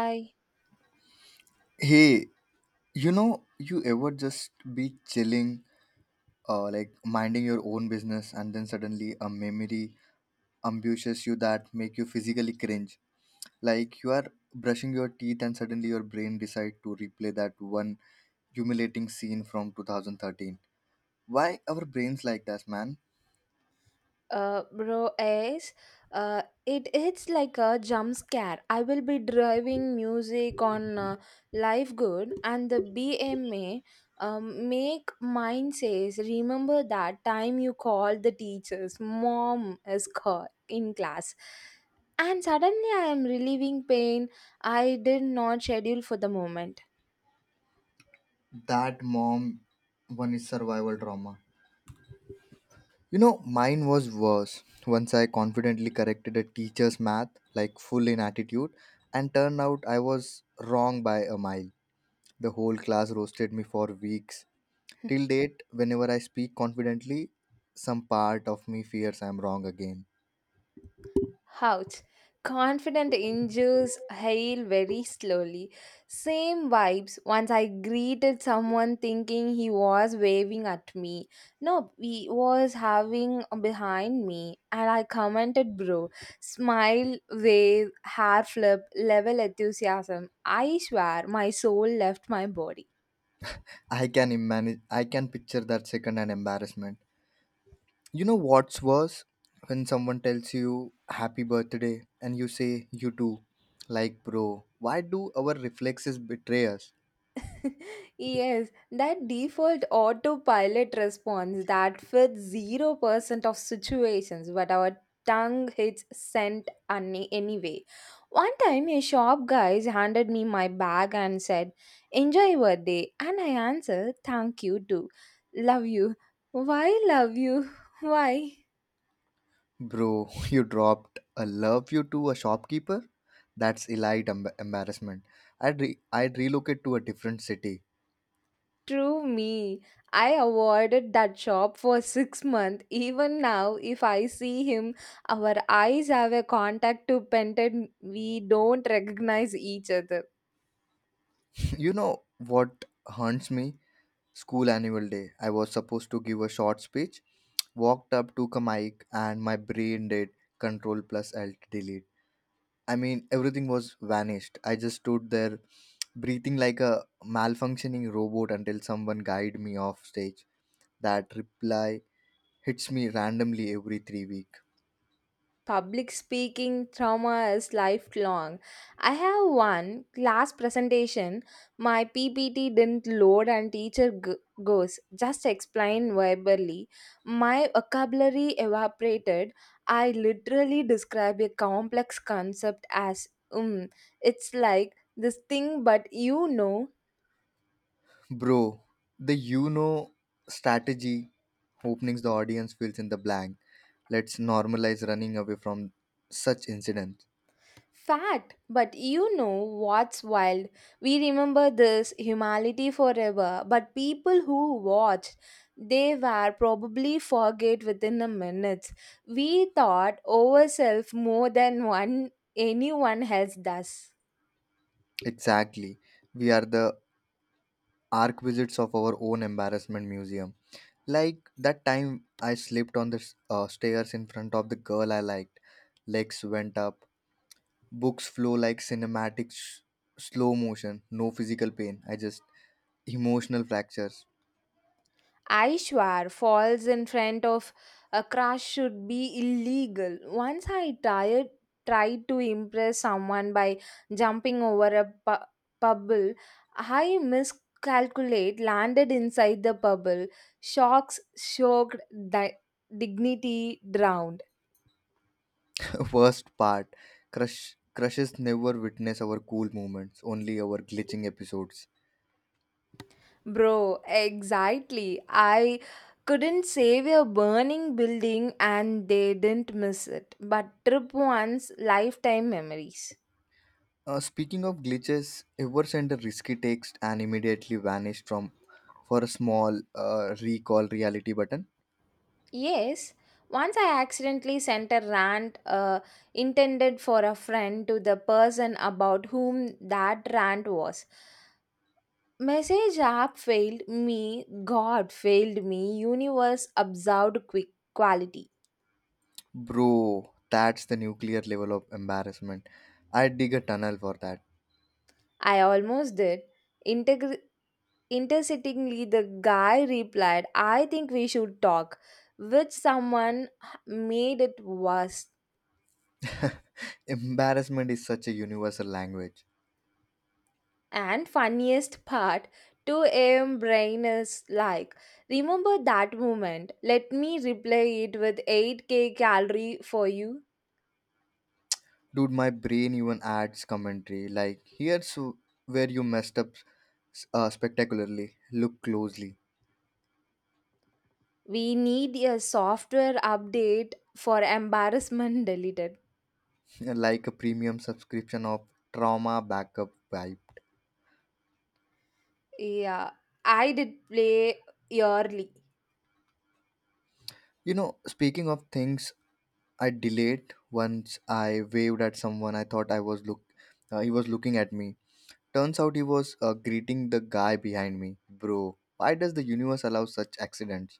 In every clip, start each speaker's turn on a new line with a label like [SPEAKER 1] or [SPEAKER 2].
[SPEAKER 1] I
[SPEAKER 2] Hey, you know, you ever just be chilling, like minding your own business, and then suddenly a memory ambushes you that make you physically cringe. Like you are brushing your teeth, and suddenly your brain decide to replay that one humiliating scene from 2013. Why our brains like that, man?
[SPEAKER 1] bro is uh, it it's like a jump scare. I will be driving music on Live Good and the BMA make mine says remember that time you called the teachers mom is caught in class and suddenly I am relieving pain I did not schedule for the moment.
[SPEAKER 2] That mom one is survival trauma. You know, mine was worse. Once I confidently corrected a teacher's math, like full in attitude, and turned out I was wrong by a mile. The whole class roasted me for weeks. Till date, whenever I speak confidently, some part of me fears I'm wrong again.
[SPEAKER 1] Ouch. Confident injures heal very slowly. Same vibes. Once I greeted someone thinking he was waving at me. No, he was having behind me. And I commented, bro, smile, wave, hair flip, level enthusiasm. I swear my soul left my body.
[SPEAKER 2] I can imagine, I can picture that second and embarrassment. You know what's worse? When someone tells you happy birthday and you say you too. Like, bro, why do our reflexes betray us?
[SPEAKER 1] Yes, that default autopilot response that fits 0% of situations, but our tongue hits sent any anyway. One time, a shop guy handed me my bag and said, enjoy your day. And I answered, thank you too. Love you. Why love you? Why?
[SPEAKER 2] Bro, you dropped a love you to a shopkeeper? That's elite embarrassment. I'd relocate to a different city.
[SPEAKER 1] True me. I avoided that shop for six months. Even now, if I see him, our eyes have a contact to painted. We don't recognize each other.
[SPEAKER 2] You know what haunts me? School annual day. I was supposed to give a short speech, walked up, took a mic, and my brain did control plus alt delete. I mean, everything was vanished. I just stood there breathing like a malfunctioning robot until someone guided me off stage. That reply hits me randomly every 3 weeks.
[SPEAKER 1] Public speaking trauma is lifelong. I have one class presentation, my PPT didn't load and goes, just explain verbally. My vocabulary evaporated. I literally describe a complex concept as, it's like this thing.
[SPEAKER 2] Bro, the you know strategy openings the audience fills in the blank. Let's normalize running away from such incidents.
[SPEAKER 1] Fact, but you know what's wild? We remember this humanity forever, but people who watched, they were probably forget within a minute. We thought ourselves more than one anyone else does.
[SPEAKER 2] Exactly. We are the arquisites of our own embarrassment museum. Like that time I slipped on the stairs in front of the girl I liked. Legs went up, books flow like cinematic slow motion, no physical pain. I just emotional fractures.
[SPEAKER 1] I falls in front of a crush should be illegal. Tried to impress someone by jumping over a pebble. I miscalculate, landed inside the pebble. Shocked, di- dignity drowned.
[SPEAKER 2] Worst part, crush crushes never witness our cool moments, only our glitching episodes.
[SPEAKER 1] Bro, exactly. I couldn't save a burning building and they didn't miss it. But trip once, lifetime memories.
[SPEAKER 2] Speaking of glitches, ever sent a risky text and immediately vanished from for a small recall reality button?
[SPEAKER 1] Yes, once I accidentally sent a rant intended for a friend to the person about whom that rant was. Message app failed me, God failed me, universe observed quick quality.
[SPEAKER 2] Bro, that's the nuclear level of embarrassment. I dig a tunnel for that.
[SPEAKER 1] I almost did. Integr- intersittingly, the guy replied, I think we should talk, which someone made it worse.
[SPEAKER 2] Embarrassment is such a universal language.
[SPEAKER 1] And funniest part, 2 a.m. brain is like, remember that moment. Let me replay it with 8k calorie for you.
[SPEAKER 2] Dude, my brain even adds commentary like, here's where you messed up spectacularly. Look closely
[SPEAKER 1] We need a software update for embarrassment deleted.
[SPEAKER 2] like a premium subscription of trauma backup vibe.
[SPEAKER 1] Yeah, I did play yearly.
[SPEAKER 2] You know, speaking of things I delayed, once I waved at someone I thought I was look he was looking at me. Turns out he was greeting the guy behind me. Bro, why does the universe allow such accidents?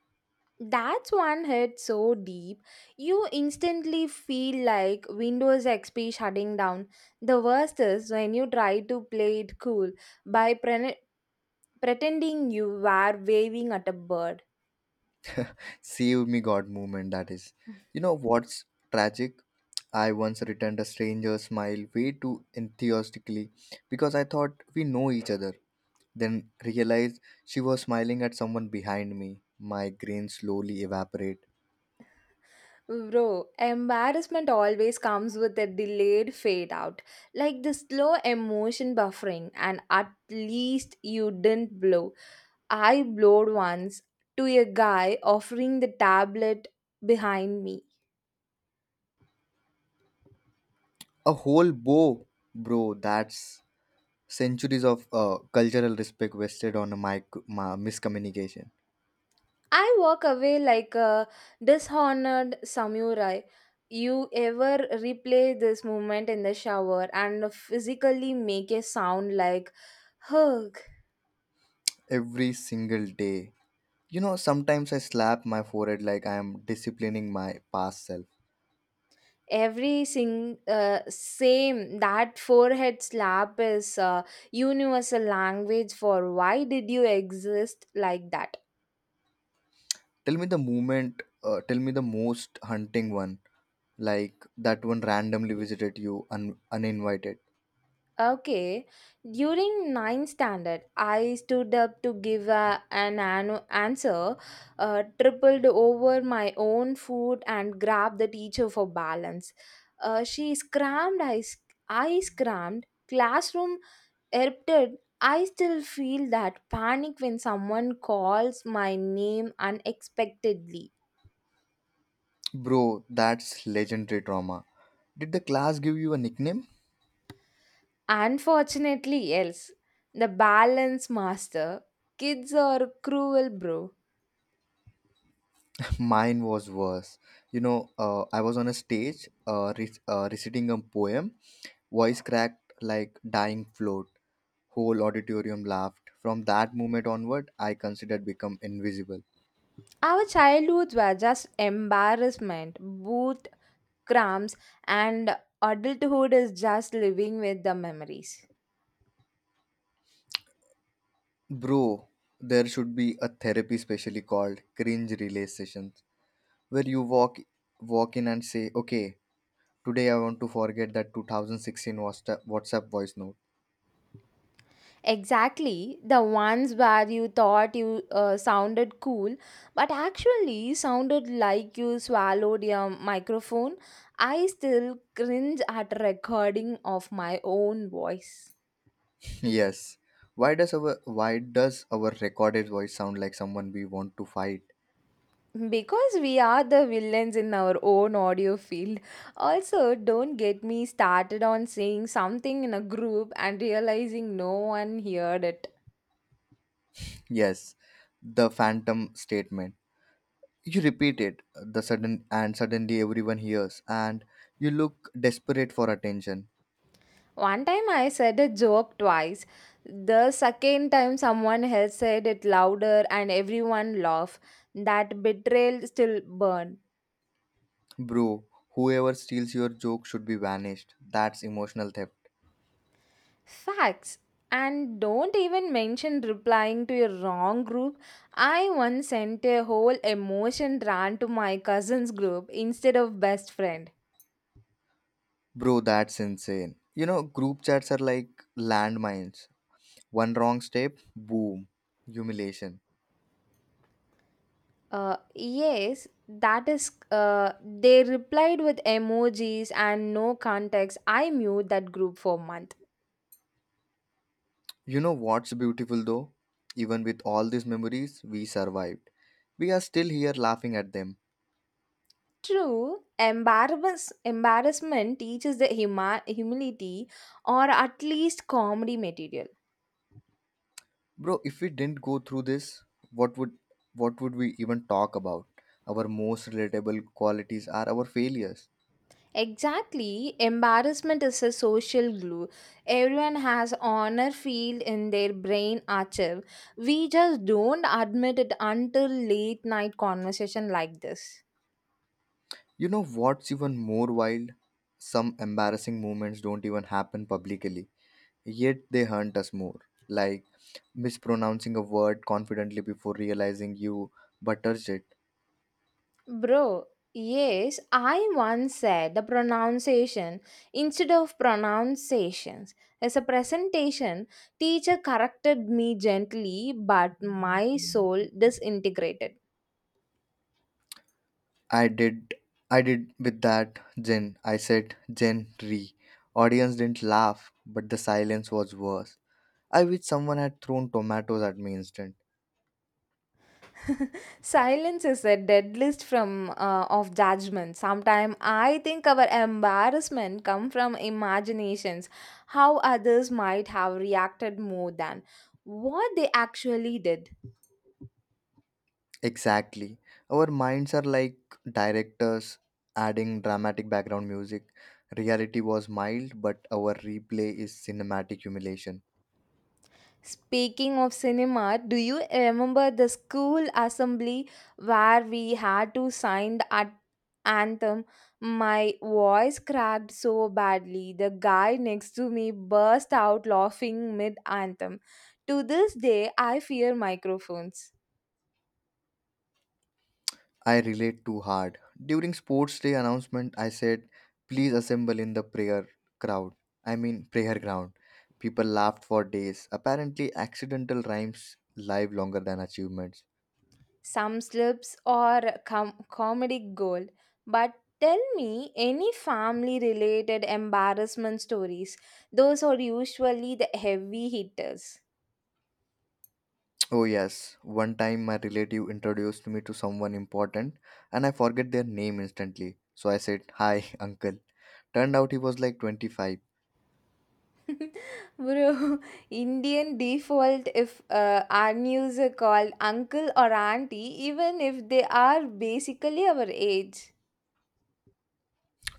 [SPEAKER 1] That's one hit so deep, you instantly feel like Windows XP shutting down. The worst is when you try to play it cool by pretending you were waving at a bird.
[SPEAKER 2] Save me God moment that is. You know what's tragic? I once returned a stranger's smile way too enthusiastically because I thought we know each other. Then realized she was smiling at someone behind me. Migraine slowly evaporate.
[SPEAKER 1] Bro, embarrassment always comes with a delayed fade out, like the slow emotion buffering, and at least you didn't blow. I blowed once to a guy offering the tablet behind me.
[SPEAKER 2] A whole bow, bro. That's centuries of cultural respect wasted on a miscommunication.
[SPEAKER 1] I walk away like a dishonored samurai. You ever replay this moment in the shower and physically make a sound like, "Huh."
[SPEAKER 2] Every single day. You know, sometimes I slap my forehead like I am disciplining my past self.
[SPEAKER 1] every sing same that forehead slap is a universal language for why did you exist like that.
[SPEAKER 2] Tell me the moment, tell me the most hunting one, like that one randomly visited you uninvited.
[SPEAKER 1] Okay, during ninth standard I stood up to give an answer tripled over my own foot and grabbed the teacher for balance. She scrammed, I scrammed. Classroom erupted. I still feel that panic when someone calls my name unexpectedly.
[SPEAKER 2] Bro, that's legendary trauma. Did the class give you a nickname?
[SPEAKER 1] Unfortunately, else, the balance master. Kids are cruel, bro.
[SPEAKER 2] Mine was worse. You know, I was on a stage reciting a poem, voice cracked like dying float. Whole auditorium laughed. From that moment onward, I considered become invisible.
[SPEAKER 1] Our childhoods were just embarrassment, boot cramps, and adulthood is just living with the memories.
[SPEAKER 2] Bro, there should be a therapy specially called cringe relay sessions where you walk in and say, "Okay, today I want to forget that 2016 WhatsApp voice note."
[SPEAKER 1] Exactly, the ones where you thought you sounded cool, but actually sounded like you swallowed your microphone. I still cringe at recording of my own voice.
[SPEAKER 2] Yes. Why does our recorded voice sound like someone we want to fight?
[SPEAKER 1] Because we are the villains in our own audio field. Also, don't get me started on saying something in a group and realizing no one heard it.
[SPEAKER 2] Yes. The phantom statement. You repeat it the sudden and suddenly everyone hears and you look desperate for attention.
[SPEAKER 1] One time I said a joke twice. The second time someone else said it louder and everyone laughed. That betrayal still burned.
[SPEAKER 2] Bro, whoever steals your joke should be banished. That's emotional theft.
[SPEAKER 1] Facts. And don't even mention replying to a wrong group. I once sent a whole emotion rant to my cousin's group instead of best friend.
[SPEAKER 2] Bro, that's insane. You know, group chats are like landmines. One wrong step, boom, humiliation.
[SPEAKER 1] Yes, that is. They replied with emojis and no context. I mute that group for months.
[SPEAKER 2] You know what's beautiful though? Even with all these memories, we survived. We are still here laughing at them.
[SPEAKER 1] True, embarrassment teaches the humility or at least comedy material.
[SPEAKER 2] Bro, if we didn't go through this, what would what would we even talk about? Our most relatable qualities are our failures.
[SPEAKER 1] Exactly, embarrassment is a social glue. Everyone has honor field in their brain archive. We just don't admit it until late night conversation like this.
[SPEAKER 2] You know what's even more wild? Some embarrassing moments don't even happen publicly, yet they haunt us more. Like mispronouncing a word confidently before realizing you buttered it.
[SPEAKER 1] Bro, yes, I once said the pronunciation instead of pronunciations. As a presentation, teacher corrected me gently, but my soul disintegrated.
[SPEAKER 2] I did I did with that, Jen. I said Jenry. Audience didn't laugh, but the silence was worse. I wish someone had thrown tomatoes at me instead.
[SPEAKER 1] Silence is a dead list from of judgment. Sometimes I think our embarrassment come from imaginations, how others might have reacted more than what they actually did.
[SPEAKER 2] Exactly. Our minds are like directors adding dramatic background music. Reality was mild, but our replay is cinematic humiliation.
[SPEAKER 1] Speaking of cinema, do you remember the school assembly where we had to sign the anthem? My voice cracked so badly, the guy next to me burst out laughing mid anthem. To this day, I fear microphones.
[SPEAKER 2] I relate too hard. During sports day announcement, I said, please assemble in the prayer crowd. I mean, prayer ground. People laughed for days. Apparently, accidental rhymes live longer than achievements.
[SPEAKER 1] Some slips or comedic gold. But tell me any family related embarrassment stories. Those are usually the heavy hitters.
[SPEAKER 2] Oh, yes. One time, my relative introduced me to someone important, and I forget their name instantly. So I said, hi, uncle. Turned out he was like 25.
[SPEAKER 1] Bro, Indian default if our news are called uncle or auntie, even if they are basically our age.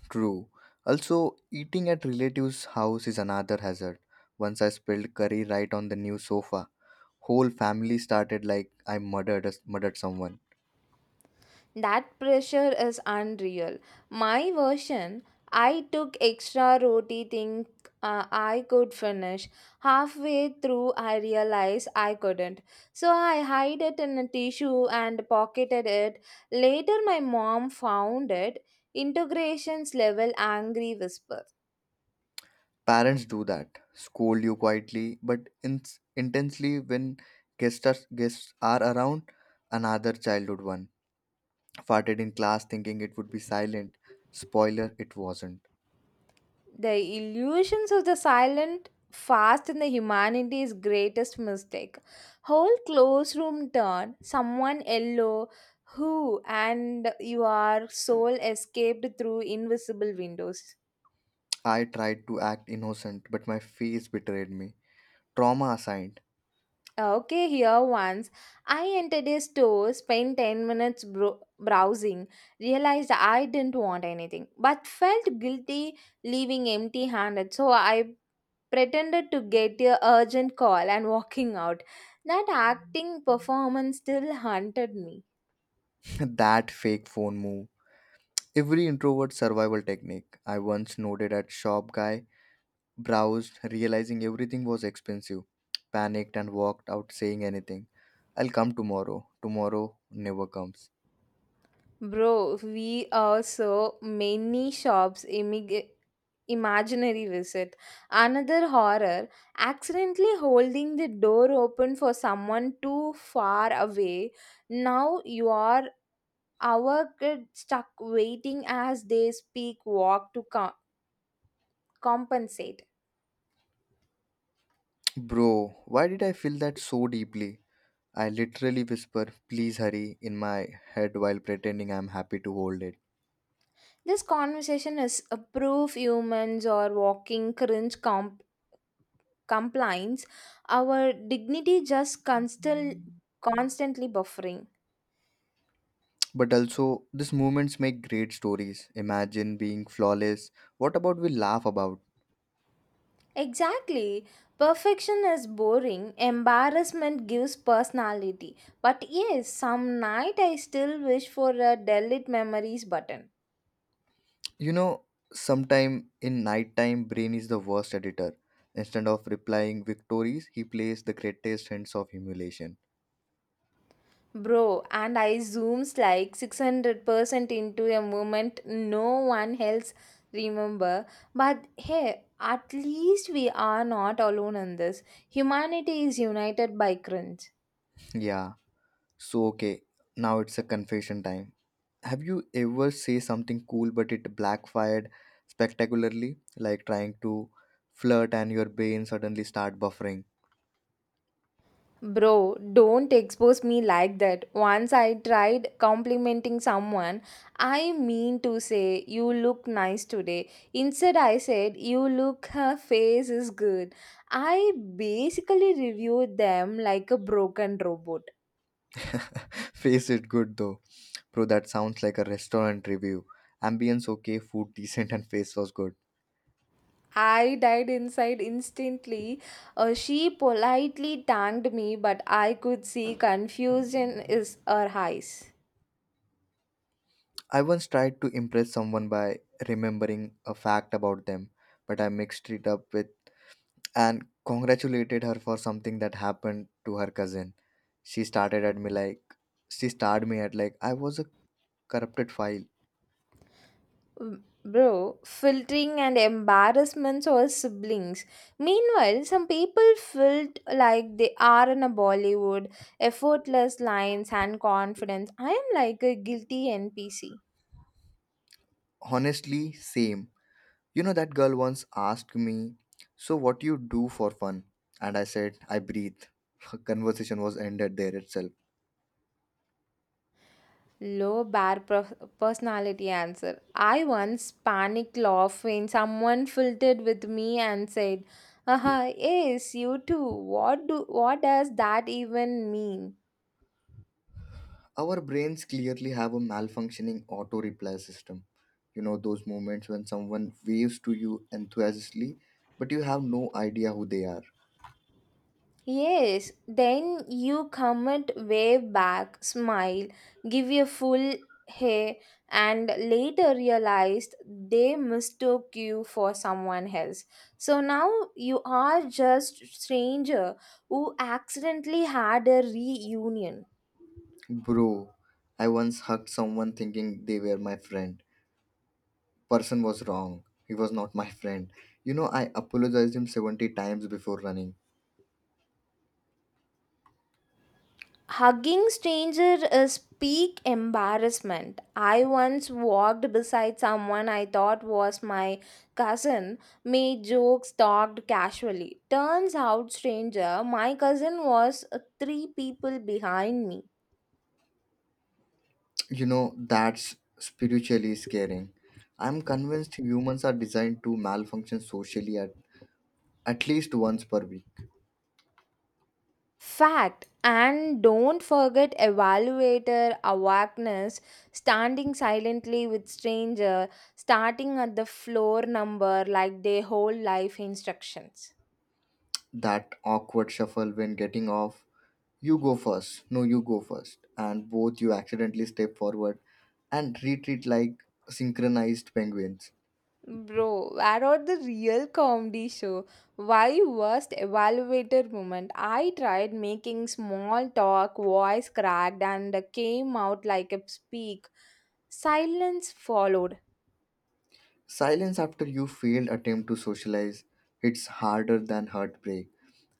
[SPEAKER 2] True. Also, eating at relatives' house is another hazard. Once I spilled curry right on the new sofa. Whole family started like I murdered murdered someone.
[SPEAKER 1] That pressure is unreal. My version, I took extra roti thing I could finish. Halfway through, I realized I couldn't. So I hid it in a tissue and pocketed it. Later, my mom found it. Integration's level angry whisper.
[SPEAKER 2] Parents do that, scold you quietly but intensely when guests are around. Another childhood one farted in class, thinking it would be silent. Spoiler: it wasn't.
[SPEAKER 1] The illusions of the silent fast in the humanity's greatest mistake. Whole classroom turn, someone yellow, who and your soul escaped through invisible windows.
[SPEAKER 2] I tried to act innocent, but my face betrayed me. Trauma assigned.
[SPEAKER 1] Okay, here once I entered a store, spent 10 minutes browsing, realized I didn't want anything, but felt guilty leaving empty handed. So I pretended to get a urgent call and walking out. That acting performance still haunted me.
[SPEAKER 2] That fake phone move. Every introvert survival technique. I once nodded at shop guy. Browsed, realizing everything was expensive, panicked and walked out saying anything. I'll come tomorrow. Tomorrow never comes.
[SPEAKER 1] Bro, we also many shops imaginary visit. Another horror, accidentally holding the door open for someone too far away. Now you are our kid stuck waiting as they speak walk to compensate.
[SPEAKER 2] Bro, why did I feel that so deeply? I literally whisper, please hurry, in my head while pretending I'm happy to hold it.
[SPEAKER 1] This conversation is a proof humans are walking cringe compliance, our dignity just constantly buffering.
[SPEAKER 2] But also, these moments make great stories. Imagine being flawless. What about we laugh about?
[SPEAKER 1] Exactly. Perfection is boring, embarrassment gives personality. But yes, some night I still wish for a delete memories button.
[SPEAKER 2] You know, sometime in nighttime, brain is the worst editor. Instead of replying victories, he plays the greatest hints of humiliation.
[SPEAKER 1] Bro, and I zooms like 600% into a moment no one else remember. But hey, at least we are not alone in this. Humanity is united by cringe.
[SPEAKER 2] Yeah, so okay, now it's a confession time. Have you ever say something cool but it backfired spectacularly, like trying to flirt and your brain suddenly start buffering?
[SPEAKER 1] Bro, don't expose me like that. Once I tried complimenting someone, I mean to say, you look nice today. Instead, I said, you look, her face is good. I basically reviewed them like a broken robot.
[SPEAKER 2] Face it good though. Bro, that sounds like a restaurant review. Ambience okay, food decent and face was good.
[SPEAKER 1] I died inside instantly. She politely thanked me, but I could see confusion is her eyes.
[SPEAKER 2] I once tried to impress someone by remembering a fact about them, but I mixed it up with and congratulated her for something that happened to her cousin. She started at me like she starred me at like I was a corrupted file.
[SPEAKER 1] Mm, bro, filtering and embarrassments or siblings. Meanwhile, some people felt like they are in a Bollywood, effortless lines and confidence. I am like a guilty NPC.
[SPEAKER 2] Honestly, same. You know that girl once asked me, "So what you do for fun?" And I said, "I breathe." Conversation was ended there itself.
[SPEAKER 1] Low bar personality answer. I once panicked laugh when someone filtered with me and said, "Aha, yes, you too. What does that even mean?"
[SPEAKER 2] Our brains clearly have a malfunctioning auto reply system. You know, those moments when someone waves to you enthusiastically, but you have no idea who they are.
[SPEAKER 1] Yes, then you comment, wave back, smile, give a full hey, and later realized they mistook you for someone else. So now you are just stranger who accidentally had a reunion.
[SPEAKER 2] Bro, I once hugged someone thinking they were my friend. Person was wrong. He was not my friend. You know, I apologized him 70 times before running.
[SPEAKER 1] Hugging stranger is peak embarrassment. I once walked beside someone I thought was my cousin, made jokes, talked casually. Turns out stranger, my cousin was three people behind me.
[SPEAKER 2] You know, that's spiritually scaring. I'm convinced humans are designed to malfunction socially at least once per week.
[SPEAKER 1] Fact and don't forget evaluator awakeness, standing silently with stranger, starting at the floor number like they whole life instructions.
[SPEAKER 2] That awkward shuffle when getting off. You go first. No, you go first. And both you accidentally step forward and retreat like synchronized penguins.
[SPEAKER 1] Bro, where are the real comedy show? Why worst evaluator moment? I tried making small talk, voice cracked, and came out like a speak. Silence followed.
[SPEAKER 2] Silence after you failed attempt to socialize hits harder than heartbreak.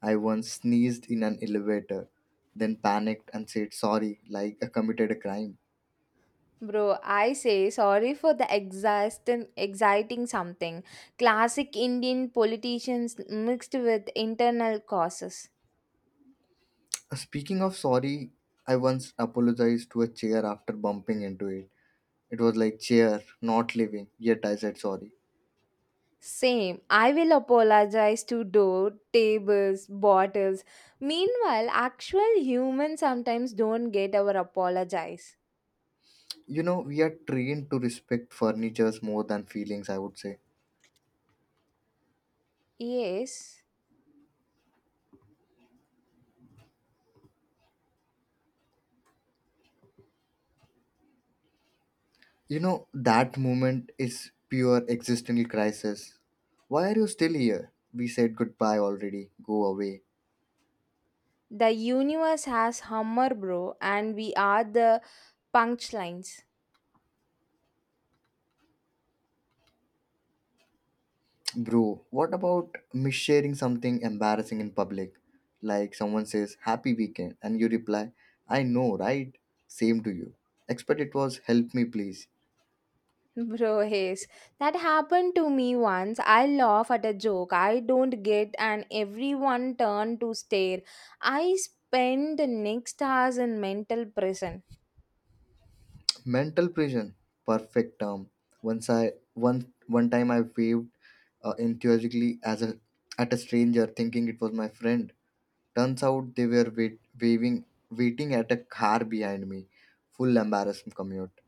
[SPEAKER 2] I once sneezed in an elevator, then panicked and said sorry like I committed a crime.
[SPEAKER 1] Bro, I say sorry for the exhausting, exciting something. Classic Indian politicians mixed with internal causes.
[SPEAKER 2] Speaking of sorry, I once apologized to a chair after bumping into it. It was like chair, not living, yet I said sorry.
[SPEAKER 1] Same. I will apologize to door, tables, bottles. Meanwhile, actual humans sometimes don't get our apologize.
[SPEAKER 2] You know we are trained to respect furnitures more than feelings, I would say.
[SPEAKER 1] Yes,
[SPEAKER 2] You know that moment is pure existential crisis. Why are you still here? We said goodbye already, go away.
[SPEAKER 1] the universe has humor, bro, and we are the punchlines.
[SPEAKER 2] Bro, what about missharing something embarrassing in public, like someone says happy weekend and you reply I know right, same to you, expect it was help me please.
[SPEAKER 1] Bro, yes. That happened to me once. I laugh at a joke I don't get, and everyone turned to stare. I spend the next hours in mental prison.
[SPEAKER 2] Mental prison, perfect term. Once I one one time I waved enthusiastically as a at a stranger, thinking it was my friend. Turns out they were waiting at a car behind me. Full embarrassment commute,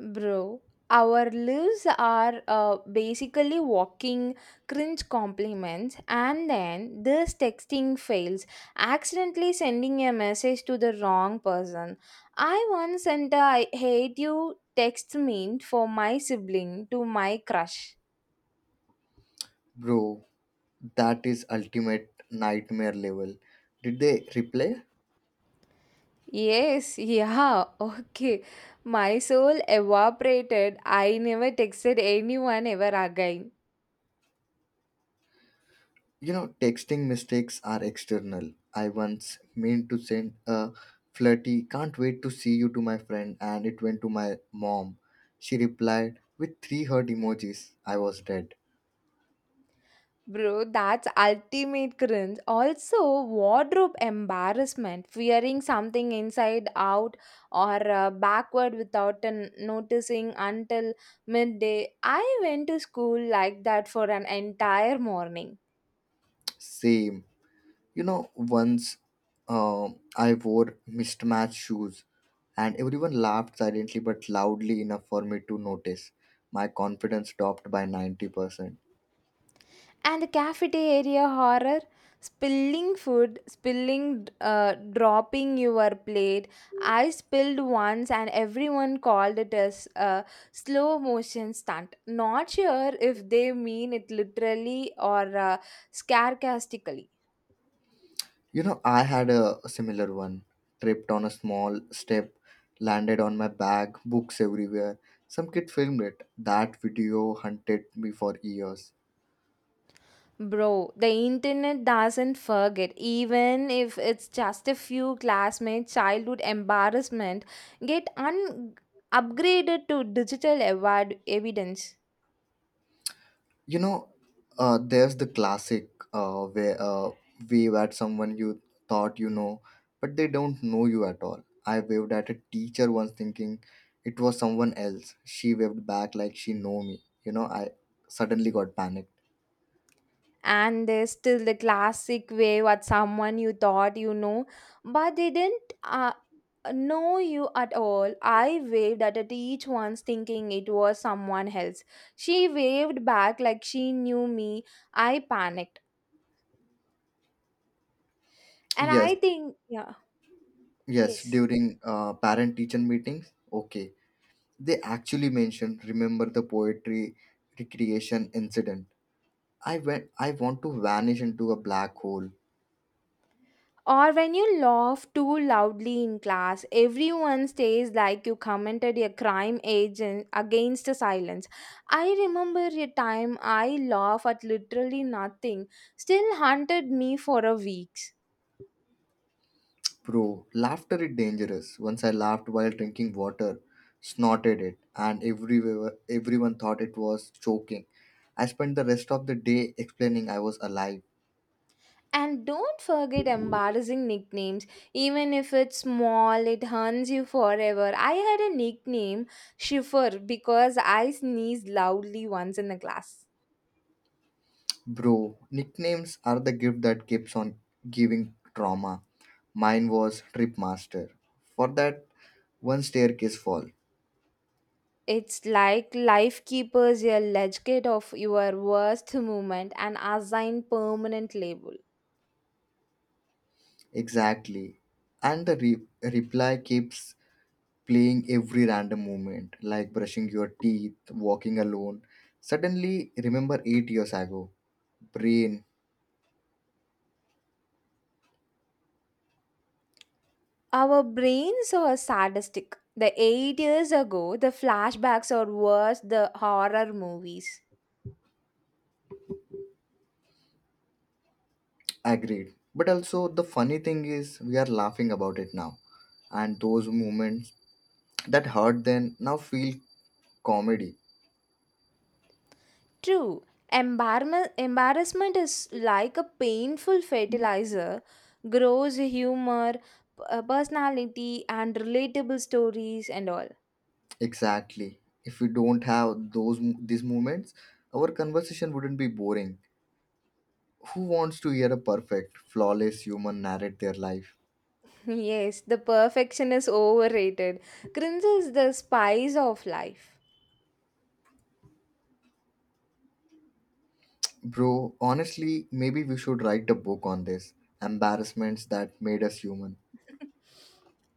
[SPEAKER 1] Bro, our lives are basically walking cringe compliments, and then this texting fails, accidentally sending a message to the wrong person. I once sent a I hate you text meant for my sibling to my crush.
[SPEAKER 2] bro. That is ultimate nightmare level. Did they replay?
[SPEAKER 1] Yes, yeah, okay. My soul evaporated. I never texted anyone ever again.
[SPEAKER 2] You know, texting mistakes are external. I once meant to send a flirty, can't wait to see you to my friend, and it went to my mom. She replied with three hurt emojis. I was dead.
[SPEAKER 1] Bro, that's ultimate cringe. Also, wardrobe embarrassment, fearing something inside out or backward without an noticing until midday. I went to school like that for an entire morning.
[SPEAKER 2] Same. You know, once I wore mismatched shoes, and everyone laughed silently but loudly enough for me to notice. My confidence dropped by 90%.
[SPEAKER 1] And the cafeteria horror, spilling food, spilling, dropping your plate. I spilled once and everyone called it as a slow motion stunt. Not sure if they mean it literally or sarcastically.
[SPEAKER 2] You know, I had a similar one. Tripped on a small step, landed on my bag, books everywhere. Some kid filmed it. That video hunted me for years.
[SPEAKER 1] Bro, the internet doesn't forget, even if it's just a few classmates' childhood embarrassment get upgraded to digital evidence.
[SPEAKER 2] You know, there's the classic where wave at someone you thought you know, but they don't know you at all. I waved at a teacher once, thinking it was someone else. She waved back like she know me. You know, I suddenly got panicked.
[SPEAKER 1] And there's still the classic wave what someone you thought you know but they didn't know you at all. I waved at it each once thinking it was someone else. She waved back like she knew me. I panicked and
[SPEAKER 2] Yes,
[SPEAKER 1] I think yeah
[SPEAKER 2] yes,
[SPEAKER 1] yes.
[SPEAKER 2] during parent-teacher meetings. Okay. They actually mentioned remember the poetry recreation incident. I want to vanish into a black hole.
[SPEAKER 1] Or when you laugh too loudly in class, everyone stays like you commented a crime agent against silence. I remember a time I laughed at literally nothing, still haunted me for a week.
[SPEAKER 2] Bro, laughter is dangerous. Once I laughed while drinking water, snorted it, and everywhere everyone thought it was choking. I spent the rest of the day explaining I was alive.
[SPEAKER 1] And don't forget embarrassing nicknames. Even if it's small, it haunts you forever. I had a nickname, Shiffer, because I sneezed loudly once in the class.
[SPEAKER 2] Bro, nicknames are the gift that keeps on giving trauma. Mine was Trip Master. For that one staircase fall.
[SPEAKER 1] It's like life keepers a legate of your worst moment and assign permanent label.
[SPEAKER 2] Exactly. And the reply keeps playing every random moment, like brushing your teeth, walking alone. Suddenly, remember 8 years ago. Brain,
[SPEAKER 1] Our brains are sadistic. The eight years ago, the flashbacks are worse the horror movies.
[SPEAKER 2] agreed. But also, the funny thing is, we are laughing about it now. And those moments that hurt then now feel comedy.
[SPEAKER 1] True, embarrassment is like a painful fertilizer, grows humor, personality, and relatable stories and all.
[SPEAKER 2] Exactly. If we don't have those these moments, our conversation wouldn't be boring. Who wants to hear a perfect, flawless human narrate their life?
[SPEAKER 1] Yes, the perfection is overrated. Cringe is the spice of life.
[SPEAKER 2] Bro, honestly, maybe we should write a book on this. Embarrassments that made us human.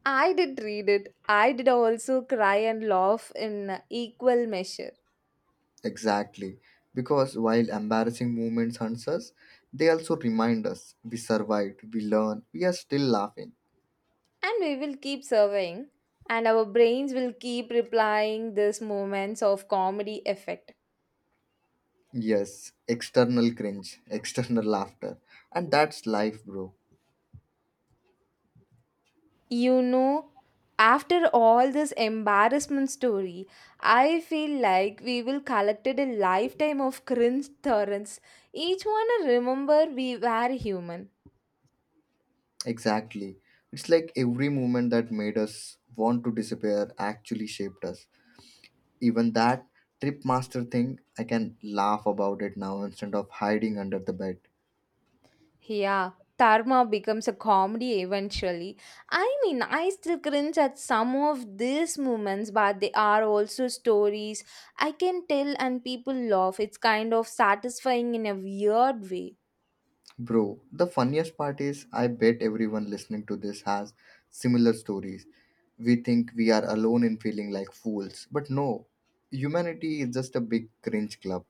[SPEAKER 1] I did read it. I did also cry and laugh in equal measure.
[SPEAKER 2] Exactly. Because while embarrassing moments hunts us, they also remind us we survived, we learned, we are still laughing.
[SPEAKER 1] And we will keep surveying, and our brains will keep replying these moments of comedy effect.
[SPEAKER 2] Yes, external cringe, external laughter. And that's life, bro.
[SPEAKER 1] You know, after all this embarrassment story, I feel like we will collected a lifetime of cringe torrents. Each one a remember we were human.
[SPEAKER 2] Exactly. It's like every moment that made us want to disappear actually shaped us. Even that trip master thing, I can laugh about it now instead of hiding under the bed.
[SPEAKER 1] Yeah, Tarma becomes a comedy eventually. I mean, I still cringe at some of these moments, but they are also stories I can tell and people laugh. It's kind of satisfying in a weird way.
[SPEAKER 2] Bro, the funniest part is I bet everyone listening to this has similar stories. We think we are alone in feeling like fools, but no. Humanity is just a big cringe club.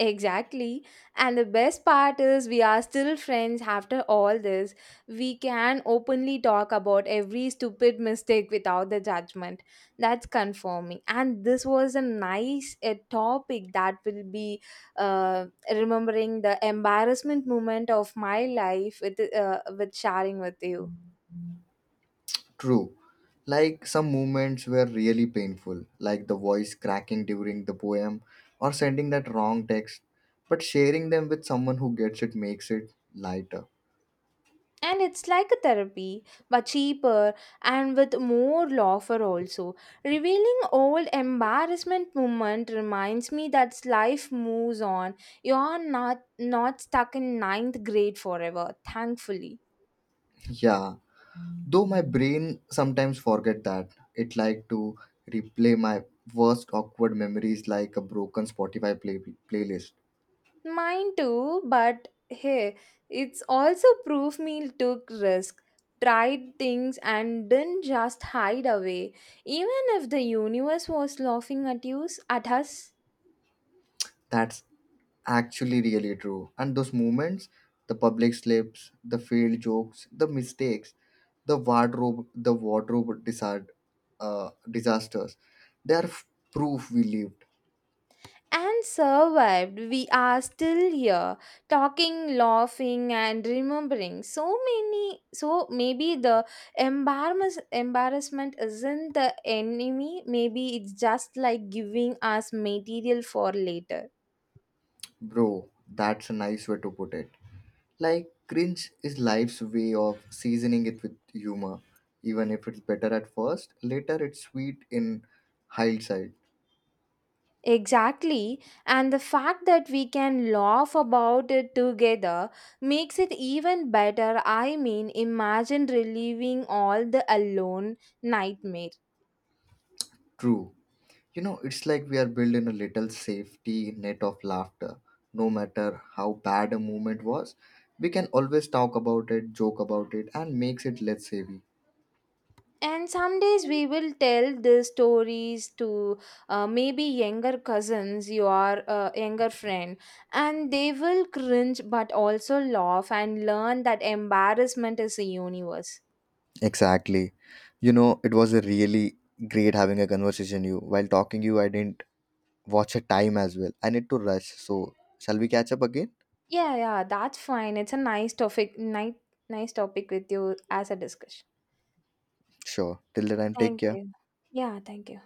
[SPEAKER 1] Exactly. And the best part is, we are still friends after all this. We can openly talk about every stupid mistake without the judgment. That's confirming. And this was a nice a topic that will be uh, remembering the embarrassment moment of my life with sharing with you.
[SPEAKER 2] True. Like some moments were really painful, like the voice cracking during the poem or sending that wrong text, but sharing them with someone who gets it makes it lighter.
[SPEAKER 1] And it's like a therapy, but cheaper and with more laughter also. Revealing old embarrassment moment reminds me that life moves on. You're not stuck in ninth grade forever, thankfully.
[SPEAKER 2] Yeah. Though my brain sometimes forget that. It like to replay my worst awkward memories like a broken Spotify playlist.
[SPEAKER 1] Mine too, but hey, it's also proof me took risk, tried things and didn't just hide away. Even if the universe was laughing at you at us
[SPEAKER 2] That's actually really true. And those moments, the public slips, the failed jokes, the mistakes, the wardrobe disasters, they are proof we lived.
[SPEAKER 1] and survived. We are still here talking, laughing, and remembering so many. So maybe the embarrassment isn't the enemy, maybe it's just like giving us material for later.
[SPEAKER 2] Bro, that's a nice way to put it. Like, cringe is life's way of seasoning it with humor. Even if it's better at first, later it's sweet in hindsight.
[SPEAKER 1] Exactly, and the fact that we can laugh about it together makes it even better. I mean, imagine relieving all the alone nightmares.
[SPEAKER 2] True. You know, it's like we are building a little safety net of laughter. No matter how bad a moment was, we can always talk about it, joke about it, and makes it less heavy.
[SPEAKER 1] And some days we will tell the stories to maybe younger cousins, your younger friend, and they will cringe but also laugh and learn that embarrassment is a universe.
[SPEAKER 2] Exactly. You know, it was a really great having a conversation you. While talking you, I didn't watch a time as well. I need to rush. So, shall we catch up again?
[SPEAKER 1] Yeah, yeah, that's fine. It's a nice topic, nice topic with you as a discussion.
[SPEAKER 2] Sure. Till the time, take
[SPEAKER 1] Thank
[SPEAKER 2] care.
[SPEAKER 1] you. Yeah, thank you.